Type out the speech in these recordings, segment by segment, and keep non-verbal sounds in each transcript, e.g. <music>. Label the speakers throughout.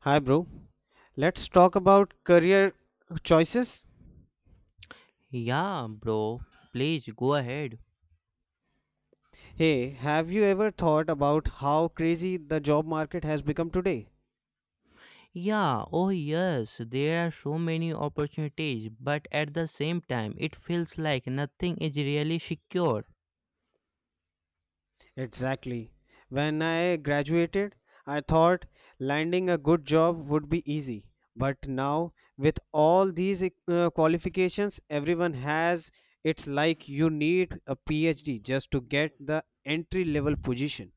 Speaker 1: Hi, bro. Let's talk about career choices.
Speaker 2: Yeah, bro, please go ahead.
Speaker 1: Hey, have you ever thought about how crazy the job market has become today?
Speaker 2: Yeah, oh yes, there are so many opportunities, but at the same time, it feels like nothing is really secure.
Speaker 1: Exactly. When I graduated, I thought landing a good job would be easy. But now, with all these qualifications everyone has, it's like you need a PhD just to get the entry level position.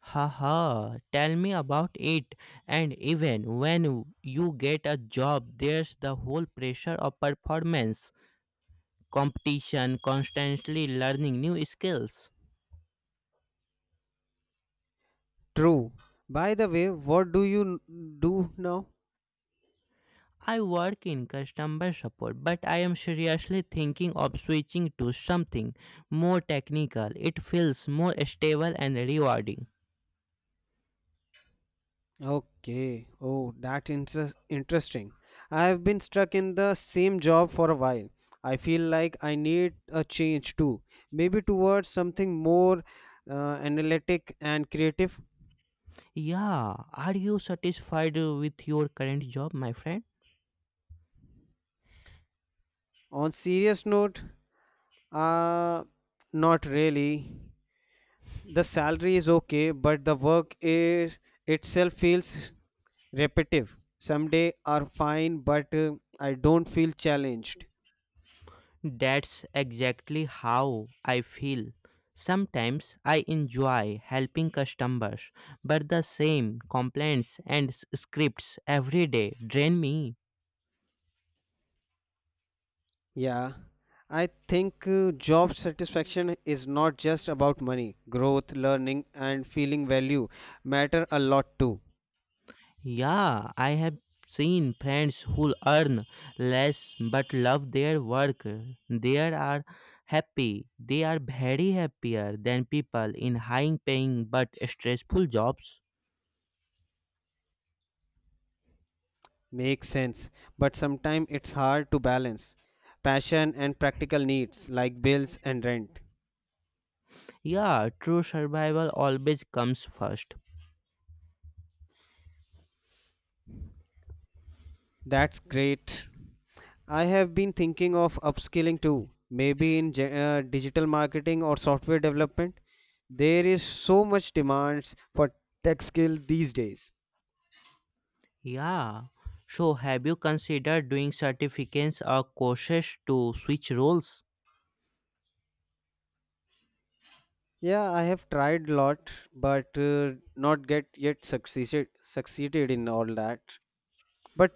Speaker 2: Haha, tell me about it. And even when you get a job, there's the whole pressure of performance, competition, constantly learning new skills.
Speaker 1: True. By the way, what do do now?
Speaker 2: I work in customer support, but I am seriously thinking of switching to something more technical. It feels more stable and rewarding.
Speaker 1: Okay. Oh, that interesting. I have been stuck in the same job for a while. I feel like I need a change too. Maybe towards something more uh, analytic and creative.
Speaker 2: Yeah, are you satisfied with your current job, my friend?
Speaker 1: On serious note, uh, not really. The salary is okay, but the work is, itself feels repetitive. Some days are fine, but I don't feel challenged.
Speaker 2: That's exactly how I feel. Sometimes I enjoy helping customers, but the same complaints and scripts every day drain me.
Speaker 1: Yeah, I think job satisfaction is not just about money. Growth, learning, and feeling value matter a lot too.
Speaker 2: Yeah, I have seen friends who earn less but love their work. They are happy. They are very happier than people in high paying but stressful jobs.
Speaker 1: Makes sense, but sometimes it's hard to balance passion and practical needs like bills and rent.
Speaker 2: Yeah, true survival always comes first.
Speaker 1: That's great. I have been thinking of upskilling too, maybe in digital marketing or software development. There is so much demands for tech skill these days.
Speaker 2: Yeah. So have you considered doing certificates or courses to switch roles?
Speaker 1: Yeah, I have tried lot, but not get yet succeeded in all that. But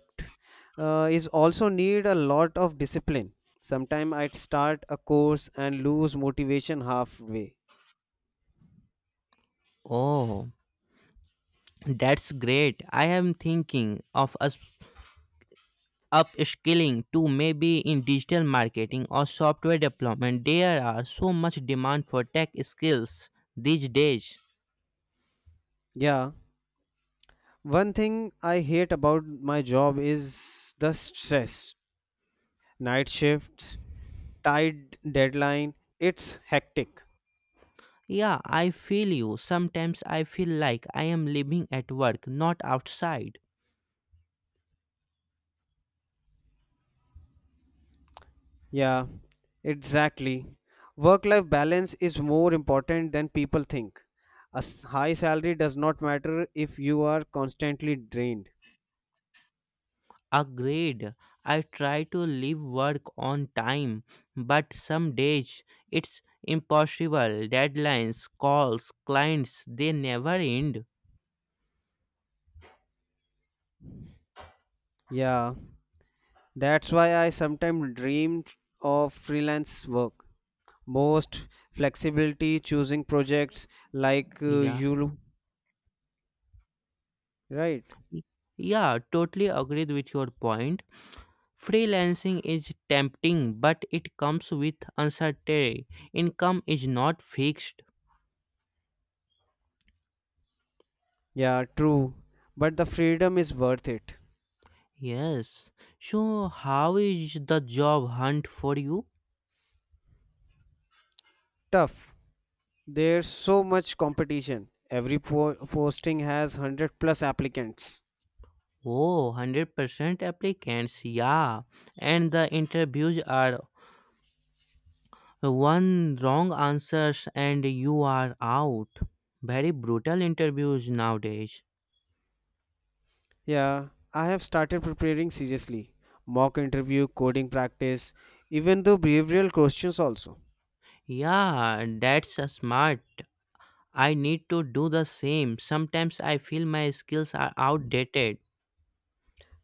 Speaker 1: is also need a lot of discipline. Sometime I'd start a course and lose motivation halfway.
Speaker 2: Oh, that's great. I am thinking of a. upskilling to maybe in digital marketing or software development. There are so much demand for tech skills these days.
Speaker 1: Yeah, one thing I hate about my job is the stress. Night shifts, tight deadline. It's hectic.
Speaker 2: Yeah, I feel you. Sometimes I feel like I am living at work, not outside.
Speaker 1: Yeah, exactly. Work-life balance is more important than people think. A high salary does not matter if you are constantly drained.
Speaker 2: Agreed. I try to leave work on time, but some days it's impossible. Deadlines, calls, clients, they never end.
Speaker 1: Yeah, that's why I sometimes dream of freelance work. Most flexibility, choosing projects like
Speaker 2: Yeah,
Speaker 1: you, right?
Speaker 2: yeah, totally agreed with your point. Freelancing is tempting, but it comes with uncertainty. Income is not fixed.
Speaker 1: Yeah, true. But the freedom is worth it.
Speaker 2: Yes. So, how is the job hunt for you?
Speaker 1: Tough. There's so much competition. Every posting has 100 plus applicants.
Speaker 2: Oh, 100% applicants, yeah. And the interviews are one wrong answers and you are out. Very brutal interviews nowadays.
Speaker 1: Yeah, I have started preparing seriously. Mock interview, coding practice, even though behavioral questions also.
Speaker 2: Yeah, that's smart. I need to do the same. Sometimes I feel my skills are outdated.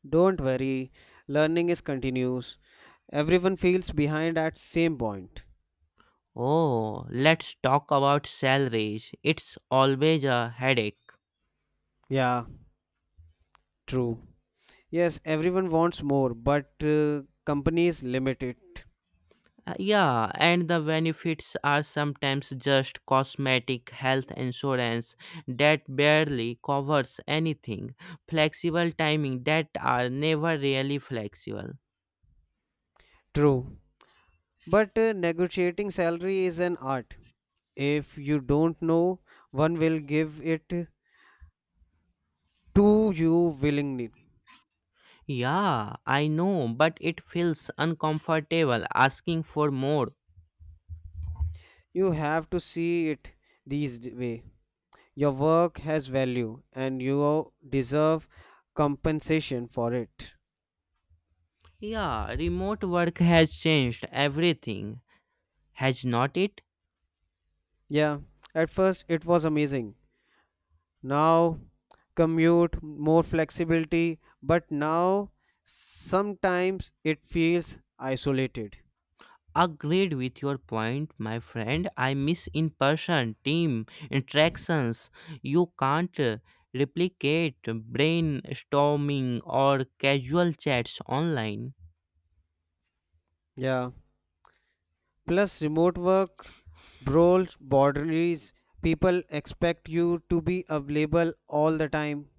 Speaker 1: Don't worry, learning is continuous. Everyone feels behind at same point.
Speaker 2: Oh, let's talk about salaries. It's always a headache.
Speaker 1: Yeah, true. Yes, everyone wants more, but companies limit it.
Speaker 2: Yeah, and the benefits are sometimes just cosmetic health insurance that barely covers anything, flexible timing that are never really flexible.
Speaker 1: True. But negotiating salary is an art. If you don't know, one will give it to you willingly.
Speaker 2: Yeah, I know, but it feels uncomfortable asking for more.
Speaker 1: You have to see it these way. Your work has value and you deserve compensation for it.
Speaker 2: Yeah, remote work has changed everything, has not it?
Speaker 1: Yeah, at first it was amazing. Now, commute, more flexibility, but now sometimes it feels isolated.
Speaker 2: Agreed with your point, my friend. I miss in person team interactions. You can't replicate brainstorming or casual chats online.
Speaker 1: Yeah, plus remote work brawls boundaries. People expect you to be available all the time.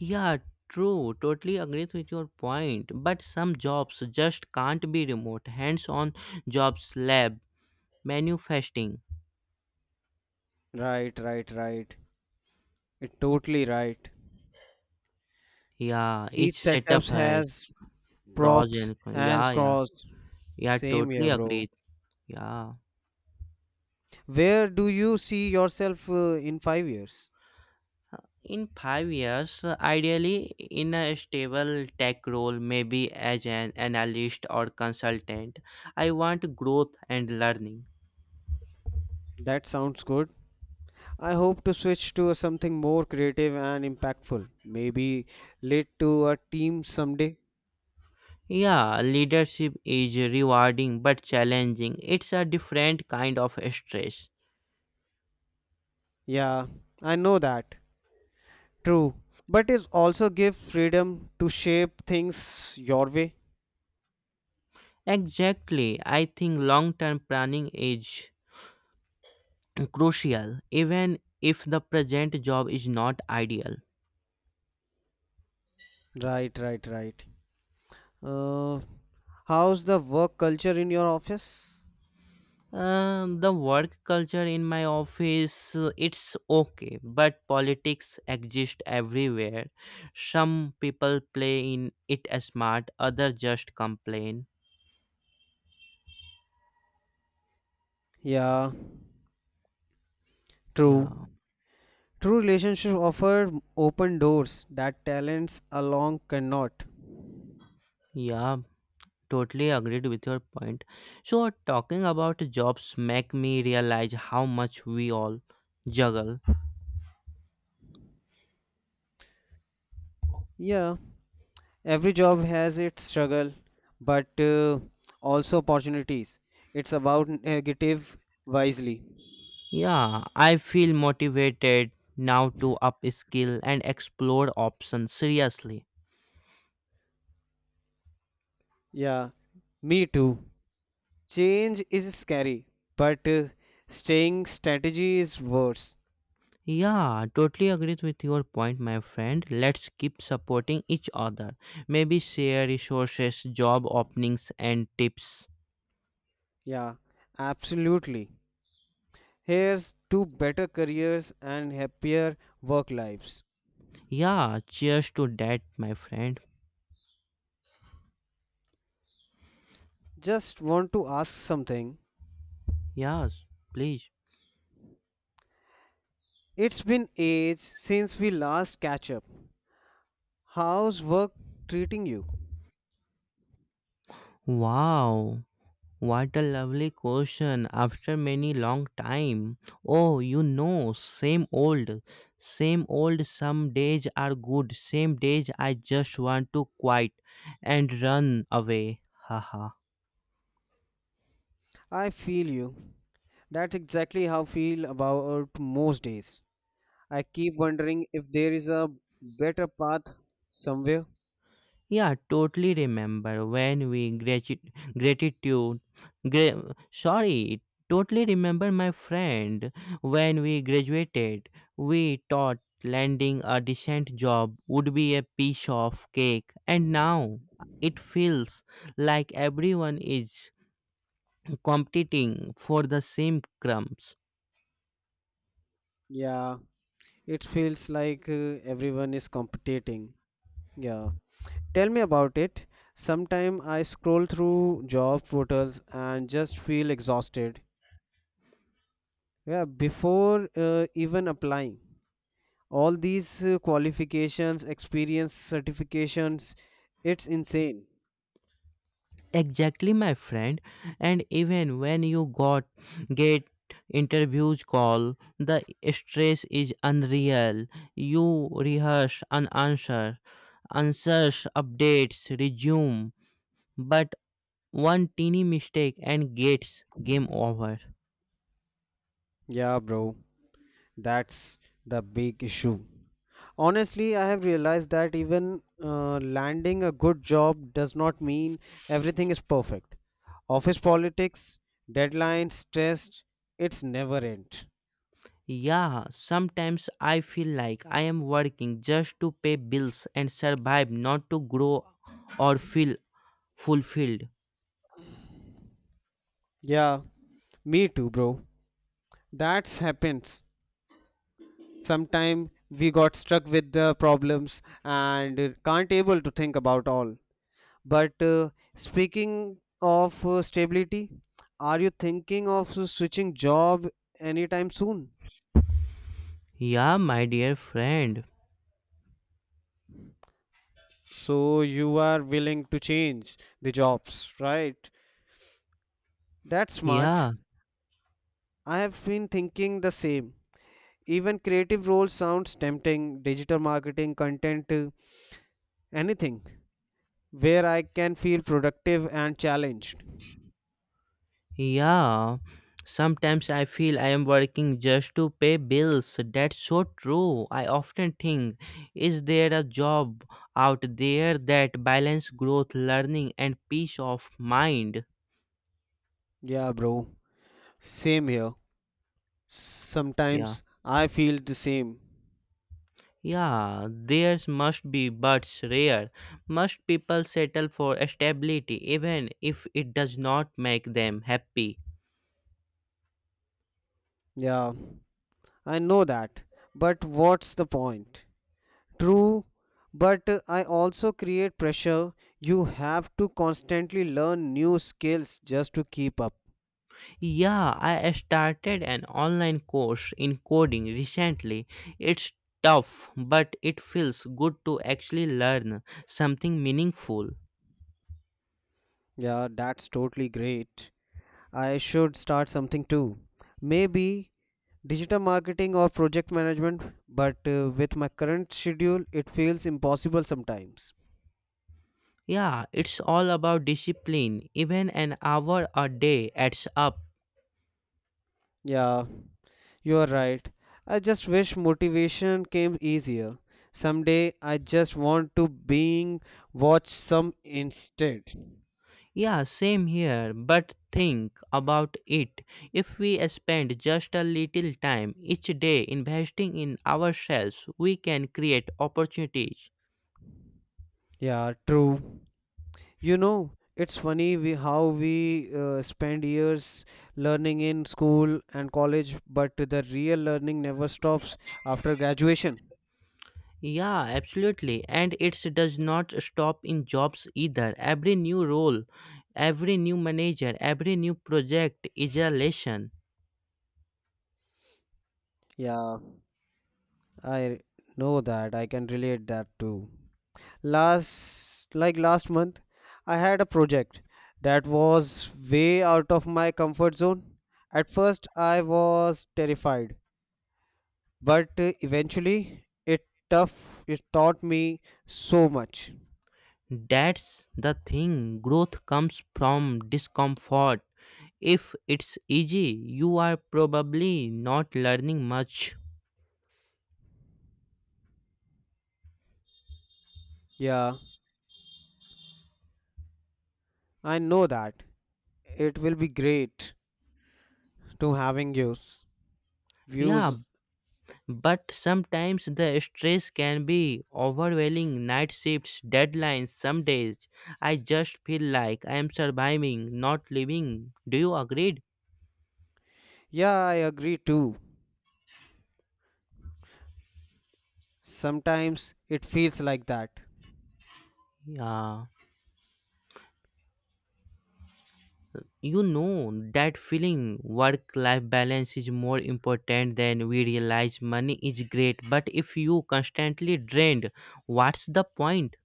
Speaker 2: Yeah, true. Totally agrees with your point. But some jobs just can't be remote. Hands on jobs, lab, manufacturing.
Speaker 1: Right, right, right. It totally right.
Speaker 2: Yeah,
Speaker 1: Each
Speaker 2: each setup
Speaker 1: setups
Speaker 2: has
Speaker 1: has
Speaker 2: pros
Speaker 1: props,
Speaker 2: and cons.
Speaker 1: hands
Speaker 2: Yeah, yeah.
Speaker 1: crossed.
Speaker 2: Yeah,
Speaker 1: Same
Speaker 2: totally
Speaker 1: here, bro.
Speaker 2: agreed. Yeah.
Speaker 1: Where do you see yourself in 5 years?
Speaker 2: In 5 years, ideally in a stable tech role, maybe as an analyst or consultant, I want growth and learning.
Speaker 1: That sounds good. I hope to switch to something more creative and impactful. Maybe lead to a team someday.
Speaker 2: Yeah, leadership is rewarding but challenging. It's a different kind of stress.
Speaker 1: Yeah, I know that. True. But it also give freedom to shape things your way.
Speaker 2: Exactly. I think long term planning is <clears throat> crucial, even if the present job is not ideal.
Speaker 1: Right, right, right. Uh, how's the work culture in your office?
Speaker 2: The work culture in my office it's okay, but politics exist everywhere. Some people play in it smart, others just complain.
Speaker 1: Yeah, true.
Speaker 2: Yeah,
Speaker 1: True relationships offer open doors that talents alone cannot.
Speaker 2: yeah, totally agreed with your point. So talking about jobs make me realize how much we all juggle.
Speaker 1: Yeah, every job has its struggle, but also opportunities. It's about negative wisely.
Speaker 2: Yeah, I feel motivated now to up skill and explore options seriously.
Speaker 1: Yeah, me too. Change is scary, but staying strategy is worse.
Speaker 2: Yeah, totally agrees with your point, my friend. Let's keep supporting each other. Maybe share resources, job openings, and tips.
Speaker 1: Yeah, absolutely. Here's to better careers and happier work lives.
Speaker 2: Yeah, cheers to that, my friend.
Speaker 1: Just want to ask something.
Speaker 2: Yes, please.
Speaker 1: It's been ages since we last catch up. How's work treating you?
Speaker 2: Wow, what a lovely question after many long time. Oh, same old, same old. Some days are good, same days I just want to quit, and run away. <laughs> Haha.
Speaker 1: I feel you. That's exactly how I feel about most days. I keep wondering if there is a better path somewhere.
Speaker 2: Yeah, totally remember when we gratitude. Sorry, totally remember, my friend, when we graduated. We thought landing a decent job would be a piece of cake, and now it feels like everyone is competing for the same crumbs.
Speaker 1: Yeah, it feels like everyone is competing. Yeah. Tell me about it. Sometime I scroll through job portals and just feel exhausted. Yeah, before even applying, all these qualifications, experience, certifications, it's insane.
Speaker 2: Exactly, my friend. And even when you got get interviews call, the stress is unreal. You rehearse an answer, answers, updates resume, but one teeny mistake and gets game over.
Speaker 1: Yeah, bro. That's the big issue. Honestly, I have realized that even landing a good job does not mean everything is perfect. Office politics, deadlines, stress, it's never end.
Speaker 2: Yeah, sometimes I feel like I am working just to pay bills and survive, not to grow or feel fulfilled.
Speaker 1: Yeah, me too, bro. That's happens sometime. We got stuck with the problems and can't able to think about all. But speaking of stability, are you thinking of switching job anytime soon?
Speaker 2: Yeah, my dear friend.
Speaker 1: So you are willing to change the jobs, right? That's smart.
Speaker 2: Yeah.
Speaker 1: I have been thinking the same. Even creative roles sounds tempting, digital marketing, content, anything where I can feel productive and challenged.
Speaker 2: Yeah, sometimes I feel I am working just to pay bills. That's so true. I often think, is there a job out there that balance growth, learning, and peace of mind?
Speaker 1: Yeah, bro. Same here.
Speaker 2: Yeah.
Speaker 1: Sometimes I feel the same.
Speaker 2: Yeah, theirs must be, but it's rare. Most people settle for stability even if it does not make them happy.
Speaker 1: Yeah. I know that, but what's the point? True, but I also create pressure. You have to constantly learn new skills just to keep up.
Speaker 2: Yeah, I started an online course in coding recently. It's tough, but it feels good to actually learn something meaningful.
Speaker 1: Yeah, that's totally great. I should start something too. Maybe digital marketing or project management, but with my current schedule, it feels impossible sometimes.
Speaker 2: Yeah, it's all about discipline. Even an hour a day adds up.
Speaker 1: Yeah, you're right. I just wish motivation came easier. Someday I just want to being watch some instead.
Speaker 2: Yeah, same here, but think about it. If we spend just a little time each day investing in ourselves, we can create opportunities.
Speaker 1: Yeah, true. You know, it's funny we how we spend years learning in school and college, but the real learning never stops after graduation.
Speaker 2: Yeah, absolutely. And it does not stop in jobs either. Every new role, every new manager, every new project is a lesson.
Speaker 1: Yeah, I know that. I can relate that too. Last last month I had a project that was way out of my comfort zone. At first I was terrified, but eventually it taught me so much.
Speaker 2: That's the thing. Growth comes from discomfort. If it's easy, you are probably not learning much.
Speaker 1: Yeah, I know that. It will be great to having your
Speaker 2: Yeah,
Speaker 1: views.
Speaker 2: but sometimes the stress can be overwhelming night shifts, deadlines, some days. I just feel like I am surviving, not living. Do you agree?
Speaker 1: Yeah, I agree too. Sometimes it feels like that.
Speaker 2: Yeah. You know that feeling work life balance is more important than we realize. Money is great, but if you constantly drained, what's the point?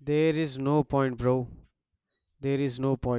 Speaker 1: There is no point, bro. There is no point.